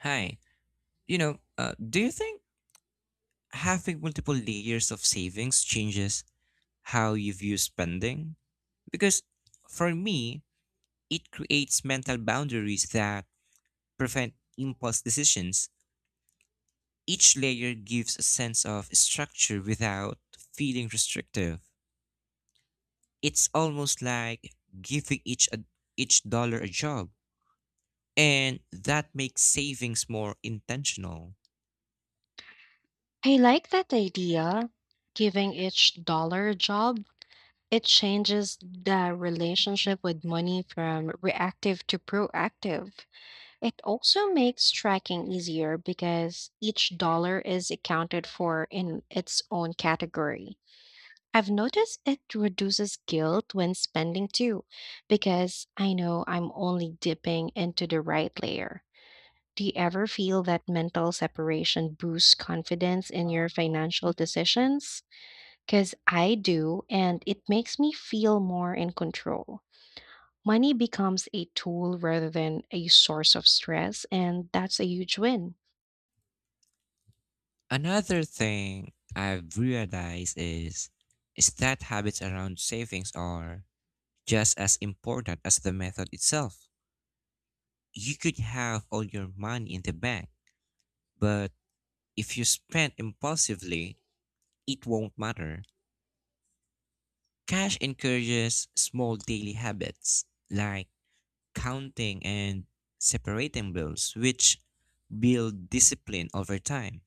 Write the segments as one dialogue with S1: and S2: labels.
S1: Hi. Do you think having multiple layers of savings changes how you view spending? Because for me, it creates mental boundaries that prevent impulse decisions. Each layer gives a sense of structure without feeling restrictive. It's almost like giving each dollar a job, and that makes savings more intentional.
S2: I like that idea. Giving each dollar a job, it changes the relationship with money from reactive to proactive. It also makes tracking easier because each dollar is accounted for in its own category. I've noticed it reduces guilt when spending too, because I know I'm only dipping into the right layer. Do you ever feel that mental separation boosts confidence in your financial decisions? Because I do, and it makes me feel more in control. Money becomes a tool rather than a source of stress, and that's a huge win.
S1: Another thing I've realized is that habits around savings are just as important as the method itself. You could have all your money in the bank, but if you spend impulsively, it won't matter. Cash encourages small daily habits like counting and separating bills, which build discipline over time.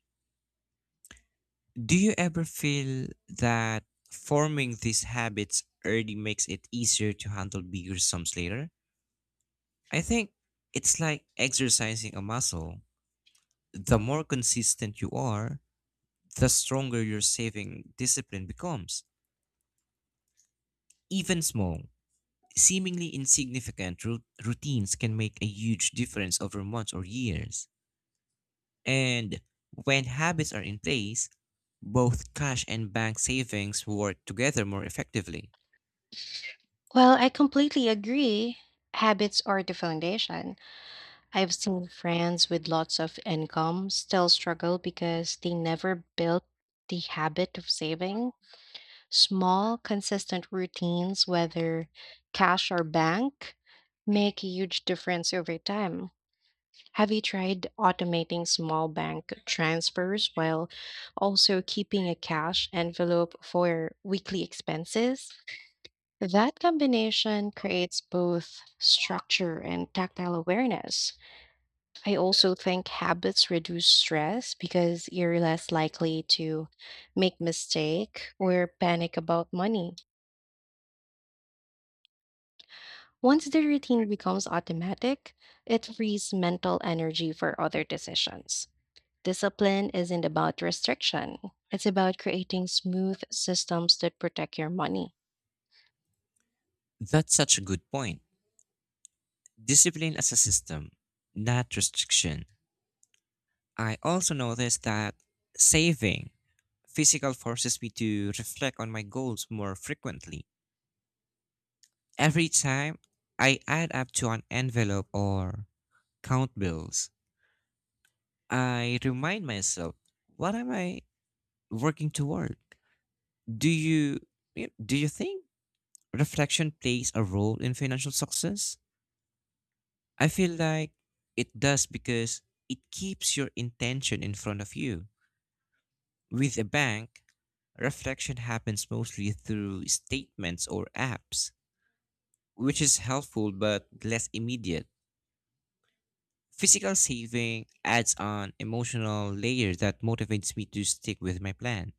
S1: Do you ever feel that forming these habits early makes it easier to handle bigger sums later? I think it's like exercising a muscle. The more consistent you are, the stronger your saving discipline becomes. Even small, seemingly insignificant routines can make a huge difference over months or years. And when habits are in place, both cash and bank savings work together more effectively.
S2: Well, I completely agree. Habits are the foundation. I've seen friends with lots of income still struggle because they never built the habit of saving. Small, consistent routines, whether cash or bank, make a huge difference over time. Have you tried automating small bank transfers while also keeping a cash envelope for weekly expenses? That combination creates both structure and tactile awareness. I also think habits reduce stress because you're less likely to make mistake or panic about money. Once the routine becomes automatic, it frees mental energy for other decisions. Discipline isn't about restriction, it's about creating smooth systems that protect your money.
S1: That's such a good point. Discipline as a system, not restriction. I also noticed that saving Physical forces me to reflect on my goals more frequently. Every time I add up to an envelope or count bills, I remind myself, what am I working toward? Do you do you think reflection plays a role in financial success? I feel like it does because it keeps your intention in front of you. With a bank, reflection happens mostly through statements or apps, which is helpful but less immediate. Physical saving adds an emotional layer that motivates me to stick with my plan.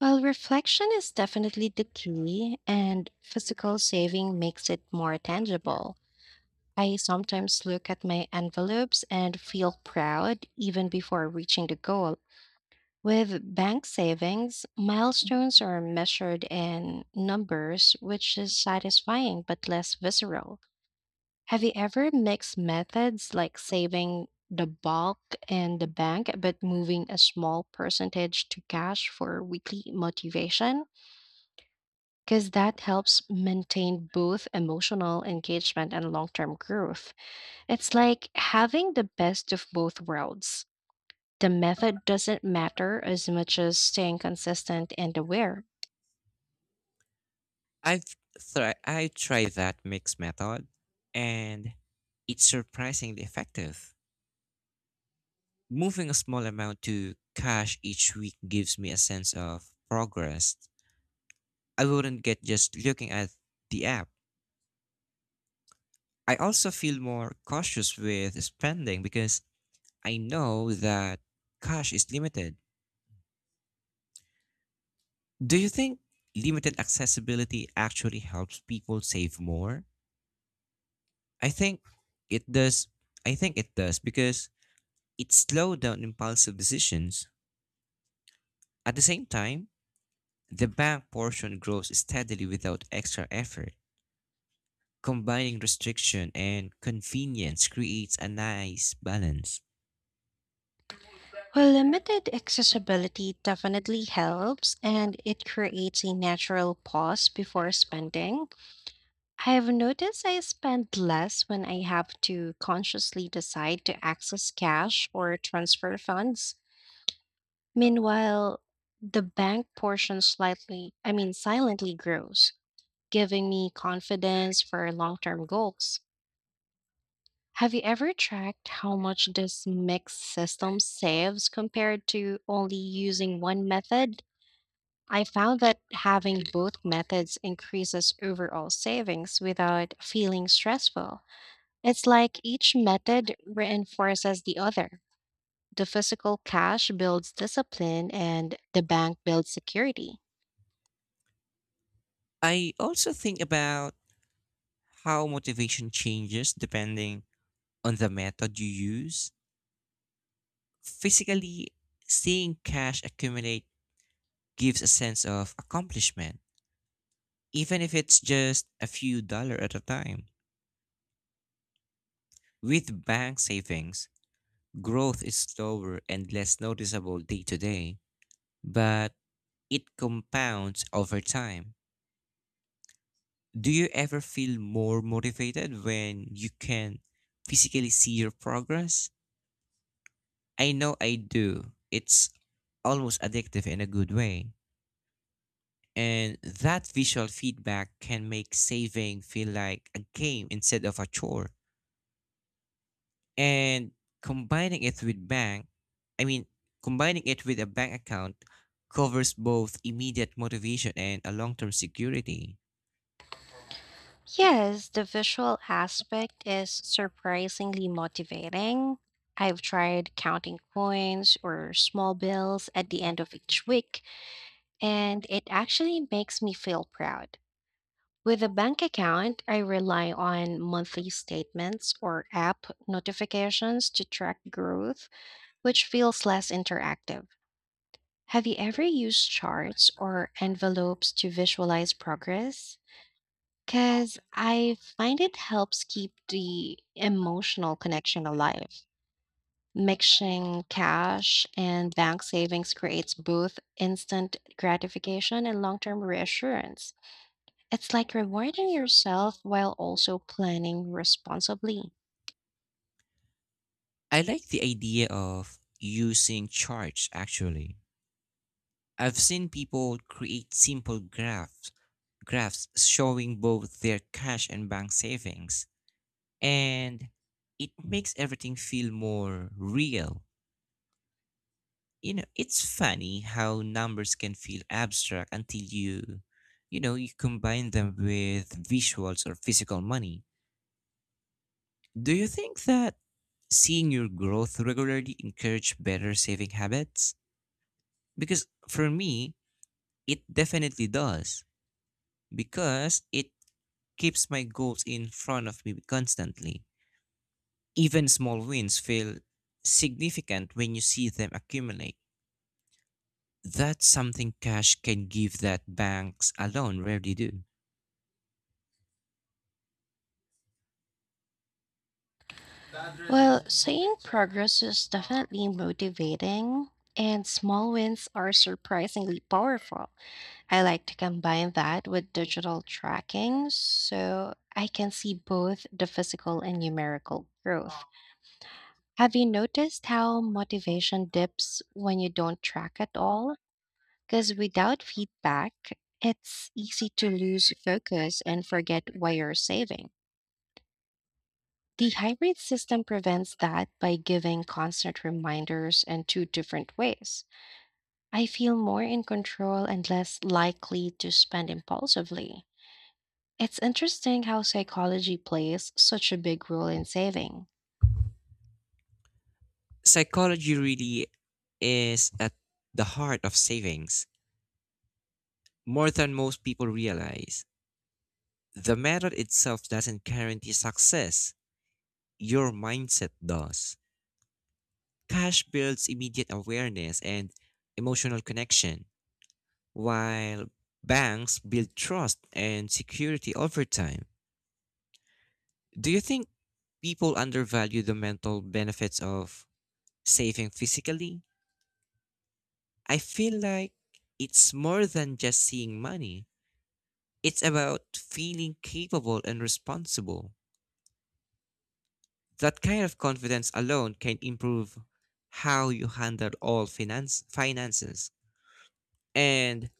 S2: While reflection is definitely the key, and physical saving makes it more tangible, I sometimes look at my envelopes and feel proud even before reaching the goal. With bank savings, milestones are measured in numbers, which is satisfying but less visceral. Have you ever mixed methods like saving the bulk in the bank but moving a small percentage to cash for weekly motivation? Because that helps maintain both emotional engagement and long term growth. It's like having the best of both worlds. The method doesn't matter as much as staying consistent and aware.
S1: I've I tried that mixed method and it's surprisingly effective. Moving a small amount to cash each week gives me a sense of progress I wouldn't get just looking at the app. I also feel more cautious with spending because I know that cash is limited. Do you think limited accessibility actually helps people save more? I think it does. I think it does because it slows down impulsive decisions. At the same time, the bank portion grows steadily without extra effort. Combining restriction and convenience creates a nice balance.
S2: Well, limited accessibility definitely helps and it creates a natural pause before spending. I've noticed I spend less when I have to consciously decide to access cash or transfer funds. Meanwhile, the bank portion silently grows, giving me confidence for long term goals. Have you ever tracked how much this mixed system saves compared to only using one method? I found that having both methods increases overall savings without feeling stressful. It's like each method reinforces the other. The physical cash builds discipline and the bank builds security.
S1: I also think about how motivation changes depending on the method you use. Physically, seeing cash accumulate gives a sense of accomplishment, even if it's just a few dollar at a time. With bank savings, growth is slower and less noticeable day to day, but it compounds over time. Do you ever feel more motivated when you can physically see your progress? I know I do. It's almost addictive in a good way. And that visual feedback can make saving feel like a game instead of a chore. And combining it with bank i mean combining it with a bank account covers both immediate motivation and a long-term security.
S2: Yes, the visual aspect is surprisingly motivating. I've tried counting coins or small bills at the end of each week, and it actually makes me feel proud. With a bank account, I rely on monthly statements or app notifications to track growth, which feels less interactive. Have you ever used charts or envelopes to visualize progress? Because I find it helps keep the emotional connection alive. Mixing cash and bank savings creates both instant gratification and long term reassurance. It's like rewarding yourself while also planning responsibly.
S1: I like the idea of using charts actually. I've seen people create simple graphs showing both their cash and bank savings, and it makes everything feel more real. You know, it's funny how numbers can feel abstract until you combine them with visuals or physical money. Do you think that seeing your growth regularly encourage better saving habits? Because for me, it definitely does because it keeps my goals in front of me constantly. Even small wins feel significant when you see them accumulate. That's something cash can give that banks alone rarely do.
S2: Well, seeing progress is definitely motivating, and small wins are surprisingly powerful. I like to combine that with digital tracking so I can see both the physical and numerical growth. Have you noticed how motivation dips when you don't track at all? Because without feedback, it's easy to lose focus and forget why you're saving. The hybrid system prevents that by giving constant reminders in two different ways. I feel more in control and less likely to spend impulsively. It's interesting how psychology plays such a big role in saving.
S1: Psychology really is at the heart of savings, more than most people realize. The method itself doesn't guarantee success, your mindset does. Cash builds immediate awareness and emotional connection, while banks build trust and security over time. Do you think people undervalue the mental benefits of saving physically? I feel like it's more than just seeing money, it's about feeling capable and responsible. That kind of confidence alone can improve how you handle all finance finances. And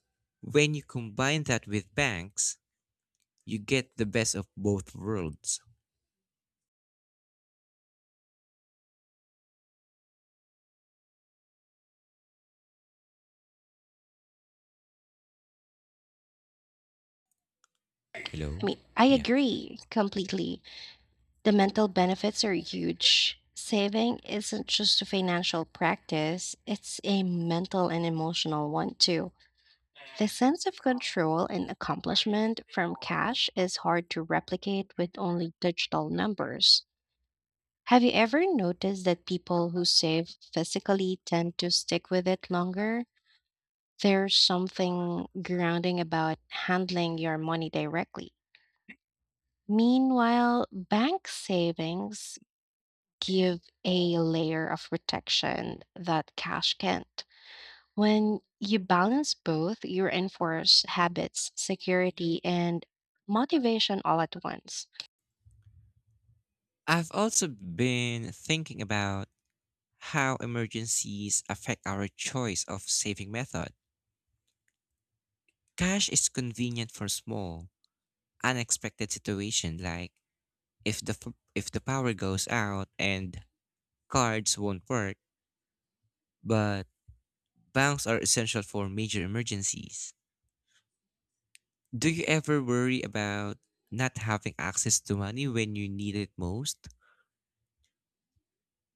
S1: when you combine that with banks, you get the best of both worlds.
S2: I
S1: Hello?
S2: mean, I
S1: Yeah.
S2: agree completely. The mental benefits are huge. Saving isn't just a financial practice, it's a mental and emotional one too. The sense of control and accomplishment from cash is hard to replicate with only digital numbers. Have you ever noticed that people who save physically tend to stick with it longer? There's something grounding about handling your money directly. Meanwhile, bank savings give a layer of protection that cash can't. When you balance both, you enforce habits, security, and motivation all at once.
S1: I've also been thinking about how emergencies affect our choice of saving method. Cash is convenient for small, unexpected situations, like if the power goes out and cards won't work, but Banks are essential for major emergencies. Do you ever worry about not having access to money when you need it most?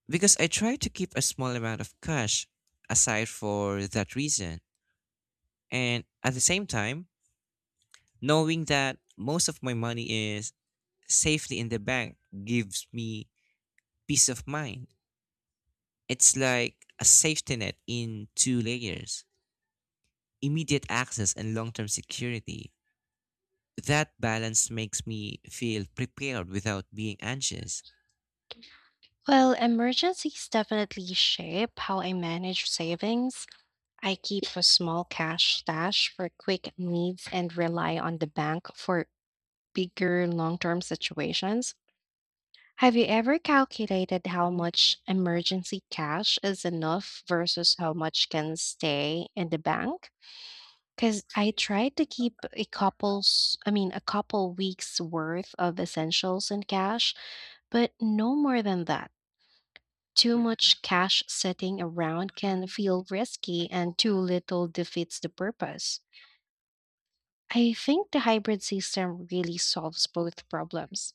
S1: Because I try to keep a small amount of cash aside for that reason. And at the same time, knowing that most of my money is safely in the bank gives me peace of mind. It's like a safety net in two layers: immediate access and long term security. That balance makes me feel prepared without being anxious.
S2: Well, emergencies definitely shape how I manage savings. I keep a small cash stash for quick needs and rely on the bank for bigger long term situations. Have you ever calculated how much emergency cash is enough versus how much can stay in the bank? Because I tried to keep a couple weeks worth of essentials in cash, but no more than that. Too much cash sitting around can feel risky, and too little defeats the purpose. I think the hybrid system really solves both problems.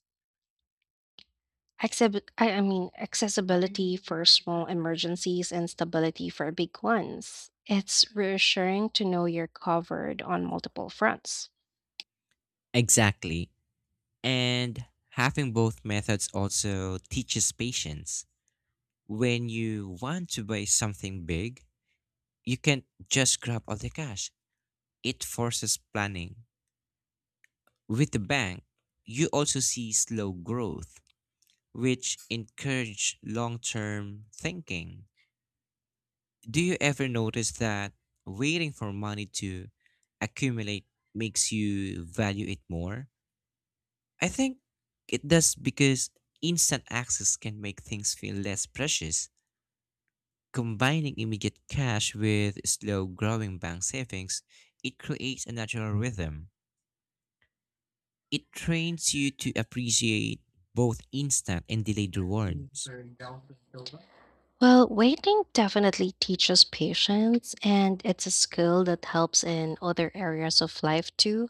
S2: Acceb I mean, Accessibility for small emergencies and stability for big ones. It's reassuring to know you're covered on multiple fronts.
S1: Exactly. And having both methods also teaches patience. When you want to buy something big, you can't just grab all the cash. It forces planning. With the bank, you also see slow growth, which encourage long-term thinking. Do you ever notice that waiting for money to accumulate makes you value it more? I think it does because instant access can make things feel less precious. Combining immediate cash with slow growing bank savings, it creates a natural rhythm. It trains you to appreciate both instant and delayed rewards.
S2: Well, waiting definitely teaches patience, and it's a skill that helps in other areas of life too.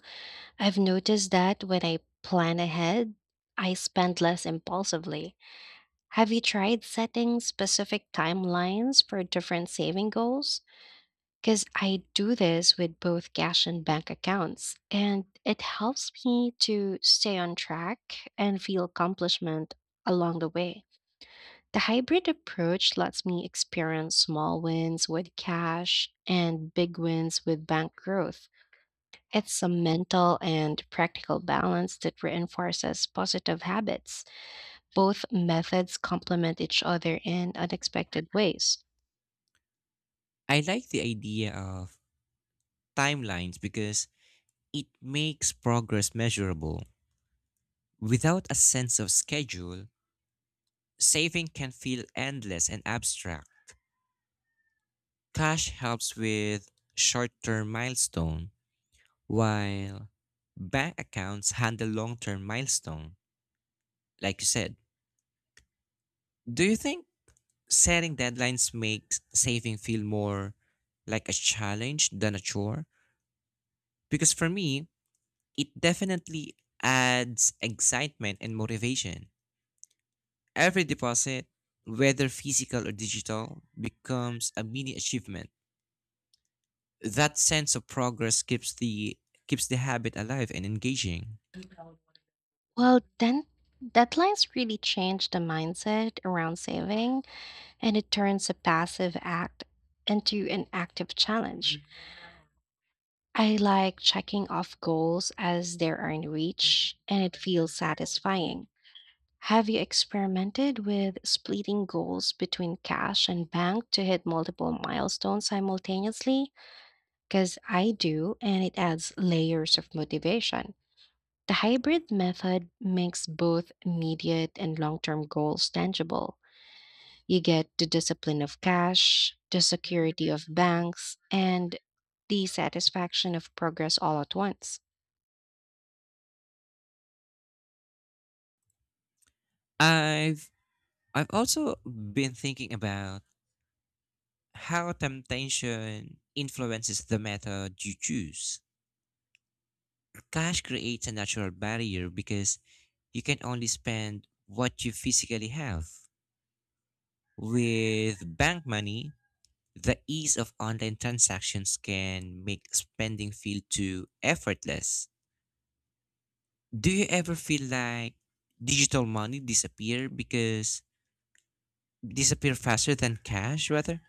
S2: I've noticed that when I plan ahead, I spend less impulsively. Have you tried setting specific timelines for different saving goals? Because I do this with both cash and bank accounts, and it helps me to stay on track and feel accomplishment along the way. The hybrid approach lets me experience small wins with cash and big wins with bank growth. It's a mental and practical balance that reinforces positive habits. Both methods complement each other in unexpected ways.
S1: I like the idea of timelines because it makes progress measurable. Without a sense of schedule, saving can feel endless and abstract. Cash helps with short term milestone, while bank accounts handle long term milestone, like you said. Do you think setting deadlines makes saving feel more like a challenge than a chore? Because for me, it definitely adds excitement and motivation. Every deposit, whether physical or digital, becomes a mini achievement. That sense of progress keeps the habit alive and engaging.
S2: Well, then deadlines really change the mindset around saving and it turns a passive act into an active challenge. Mhm. I like checking off goals as they are in reach and it feels satisfying. Have you experimented with splitting goals between cash and bank to hit multiple milestones simultaneously? Because I do, and it adds layers of motivation. The hybrid method makes both immediate and long term goals tangible. You get the discipline of cash, the security of banks, and the satisfaction of progress all at once.
S1: I've I've also been thinking about how temptation influences the method you choose. Cash creates a natural barrier because you can only spend what you physically have. With bank money, the ease of online transactions can make spending feel too effortless. Do you ever feel like digital money disappear because disappear faster than cash rather?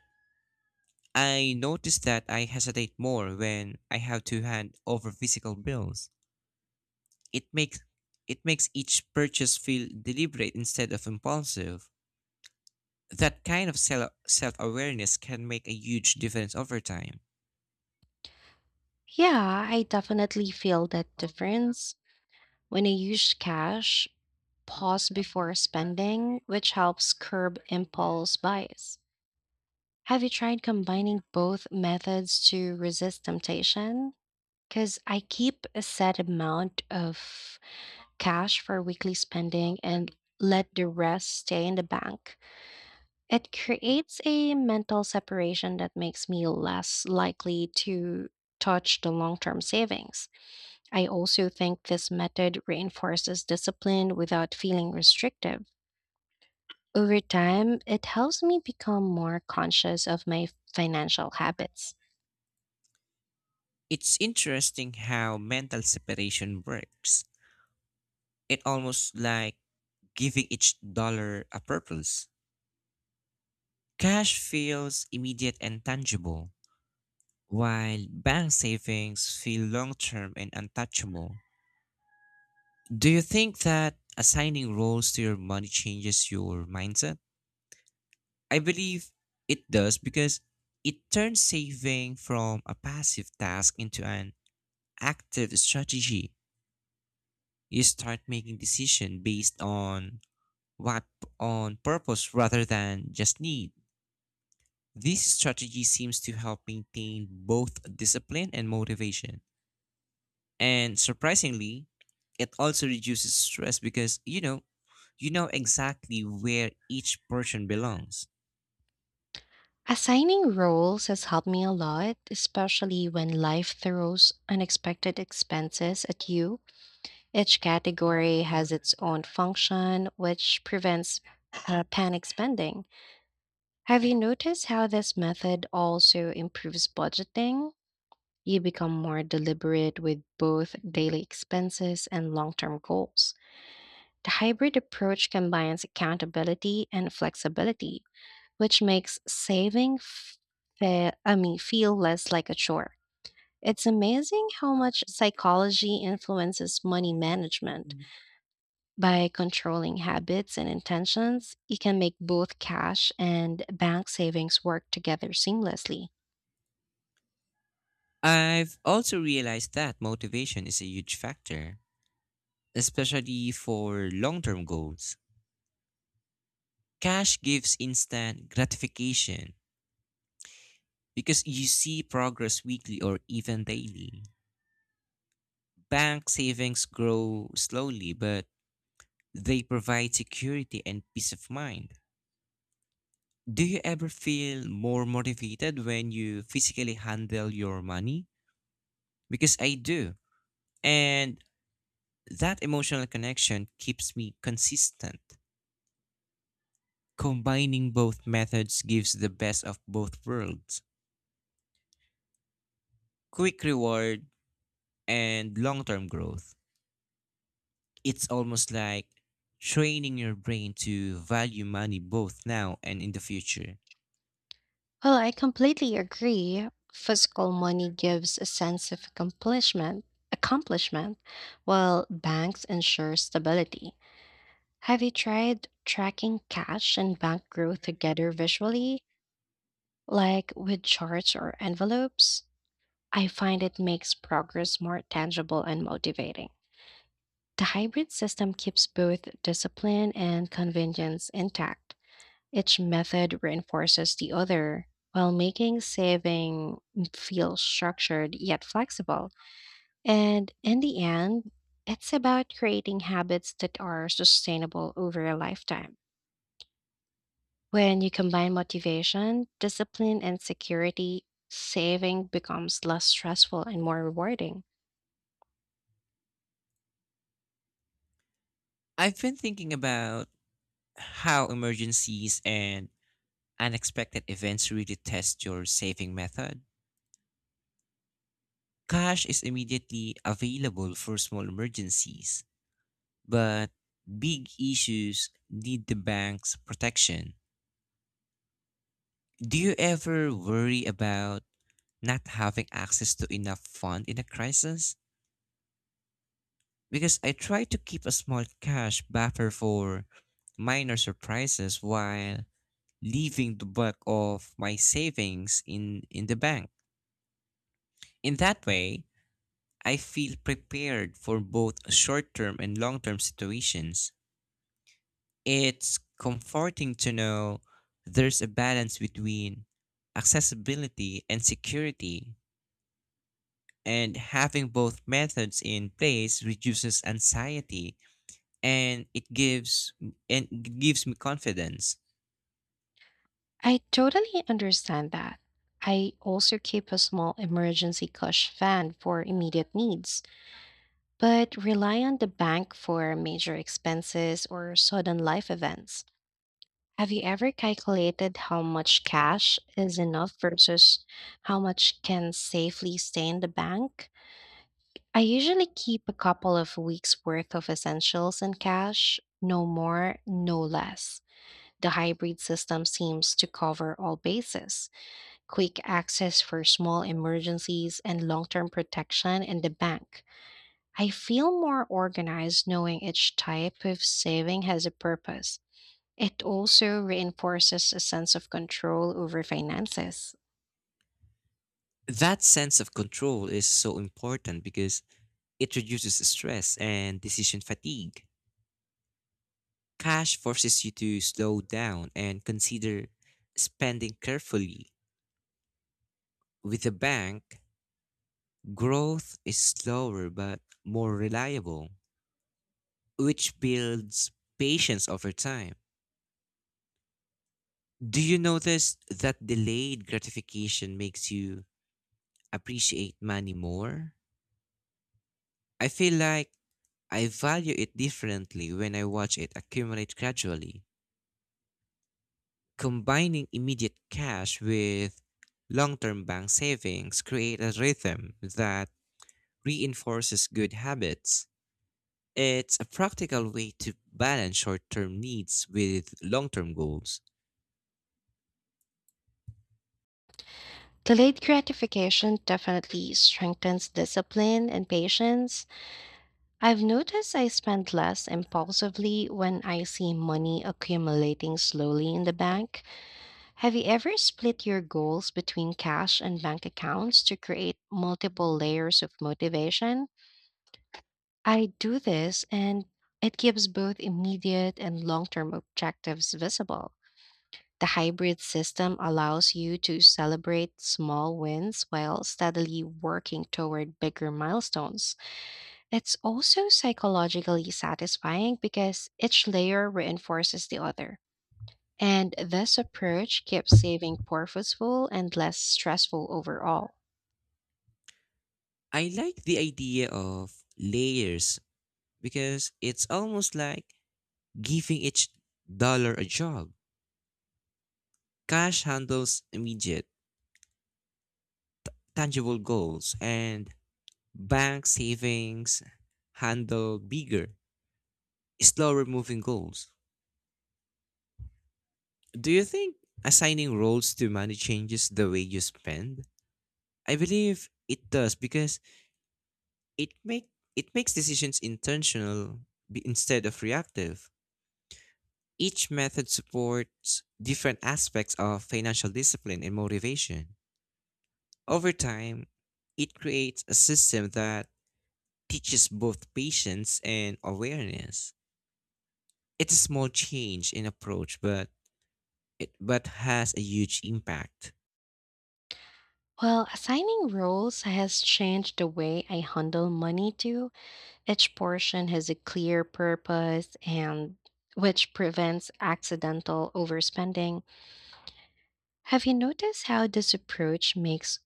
S1: I notice that I hesitate more when I have to hand over physical bills. It makes it makes each purchase feel deliberate instead of impulsive. That kind of self awareness can make a huge difference over time.
S2: Yeah, I definitely feel that difference. When I use cash, pause before spending, which helps curb impulse buys. Have you tried combining both methods to resist temptation? Because I keep a set amount of cash for weekly spending and let the rest stay in the bank. It creates a mental separation that makes me less likely to touch the long term savings. I also think this method reinforces discipline without feeling restrictive. Over time, it helps me become more conscious of my financial habits.
S1: It's interesting how mental separation works. It almost like giving each dollar a purpose. Cash feels immediate and tangible, while bank savings feel long term and untouchable. Do you think that assigning roles to your money changes your mindset? I believe it does because it turns saving from a passive task into an active strategy. You start making decisions based on what on purpose rather than just need. This strategy seems to help maintain both discipline and motivation. And surprisingly, it also reduces stress because you know exactly where each person belongs.
S2: Assigning roles has helped me a lot, especially when life throws unexpected expenses at you. Each category has its own function, which prevents panic spending. Have you noticed how this method also improves budgeting? You become more deliberate with both daily expenses and long term goals. The hybrid approach combines accountability and flexibility, which makes saving feel less like a chore. It's amazing how much psychology influences money management. By controlling habits and intentions, you can make both cash and bank savings work together seamlessly.
S1: I've also realized that motivation is a huge factor, especially for long term goals. Cash gives instant gratification because you see progress weekly or even daily. Bank savings grow slowly, but they provide security and peace of mind. Do you ever feel more motivated when you physically handle your money? Because I do. And that emotional connection keeps me consistent. Combining both methods gives the best of both worlds: quick reward, and long term growth. It's almost like training your brain to value money both now and in the future.
S2: Well, I completely agree. Physical money gives a sense of accomplishment, while banks ensure stability. Have you tried tracking cash and bank growth together visually, like with charts or envelopes? I find it makes progress more tangible and motivating. The hybrid system keeps both discipline and convenience intact. Each method reinforces the other while making saving feel structured yet flexible. And in the end, it's about creating habits that are sustainable over a lifetime. When you combine motivation, discipline, and security, saving becomes less stressful and more rewarding.
S1: I've been thinking about how emergencies and unexpected events really test your saving method. Cash is immediately available for small emergencies, but big issues need the bank's protection. Do you ever worry about not having access to enough fund in a crisis? Because I try to keep a small cash buffer for minor surprises while leaving the bulk of my savings in the bank. In that way, I feel prepared for both short term and long term situations. It's comforting to know there's a balance between accessibility and security, and having both methods in place reduces anxiety and it gives and it gives me confidence.
S2: I totally understand that. I also keep a small emergency cash fund for immediate needs, but rely on the bank for major expenses or sudden life events. Have you ever calculated how much cash is enough versus how much can safely stay in the bank? I usually keep a couple of weeks' worth of essentials in cash, no more, no less. The hybrid system seems to cover all bases, quick access for small emergencies and long term protection in the bank. I feel more organized knowing each type of saving has a purpose. It also reinforces a sense of control over finances.
S1: That sense of control is so important because it reduces stress and decision fatigue. Cash forces you to slow down and consider spending carefully. With a bank, growth is slower but more reliable, which builds patience over time. Do you notice that delayed gratification makes you appreciate money more? I feel like I value it differently when I watch it accumulate gradually. Combining immediate cash with long term bank savings create a rhythm that reinforces good habits. It's a practical way to balance short term needs with long term goals.
S2: Delayed gratification definitely strengthens discipline and patience. I've noticed I spend less impulsively when I see money accumulating slowly in the bank. Have you ever split your goals between cash and bank accounts to create multiple layers of motivation? I do this and it keeps both immediate and long term objectives visible. The hybrid system allows you to celebrate small wins while steadily working toward bigger milestones. It's also psychologically satisfying because each layer reinforces the other. And this approach keeps saving purposeful and less stressful overall.
S1: I like the idea of layers because it's almost like giving each dollar a job. Cash handles immediate, tangible goals, and Bank savings handle bigger, slower moving goals. Do you think assigning roles to money changes the way you spend? I believe it does because it make it makes decisions intentional instead of reactive. Each method supports different aspects of financial discipline and motivation. Over time, it creates a system that teaches both patience and awareness. It's a small change in approach, but but has a huge impact.
S2: Well, assigning roles has changed the way I handle money too. Each portion has a clear purpose and which prevents accidental overspending. Have you noticed how this approach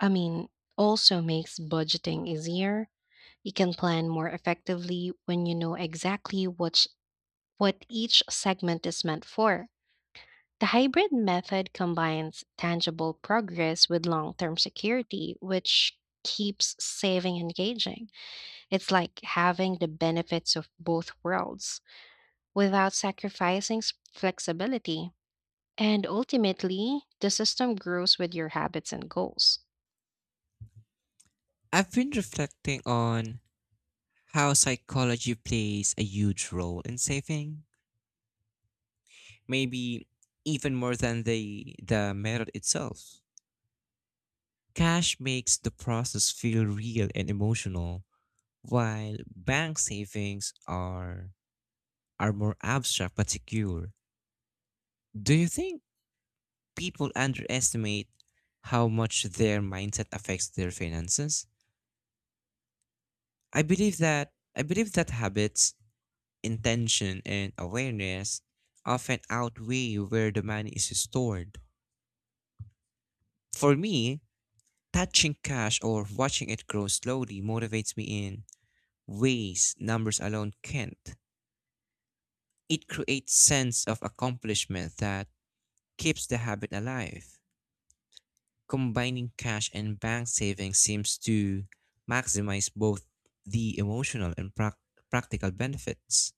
S2: I mean, also makes budgeting easier? You can plan more effectively when you know what each segment is meant for. The hybrid method combines tangible progress with long term security, which keeps saving engaging. It's like having the benefits of both worlds without sacrificing flexibility. And ultimately, the system grows with your habits and goals.
S1: I've been reflecting on how psychology plays a huge role in saving, maybe even more than the method itself. Cash makes the process feel real and emotional, while bank savings are more abstract but secure. Do you think people underestimate how much their mindset affects their finances? I believe that habits intention and awareness often outweigh where the money is stored. For me, touching cash or watching it grow slowly motivates me in ways numbers alone can't. It creates sense of accomplishment that keeps the habit alive. Combining cash and bank savings seems to maximize both the emotional and practical benefits.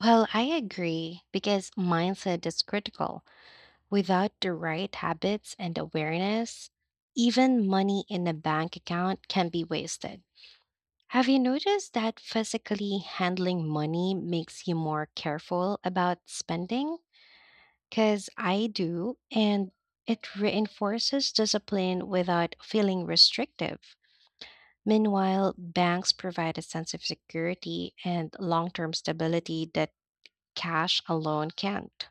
S2: Well, I agree because mindset is critical. Without the right habits and awareness, even money in a bank account can be wasted. Have you noticed that physically handling money makes you more careful about spending? Because I do, and it reinforces discipline without feeling restrictive. Meanwhile, banks provide a sense of security and long term stability that cash alone can't.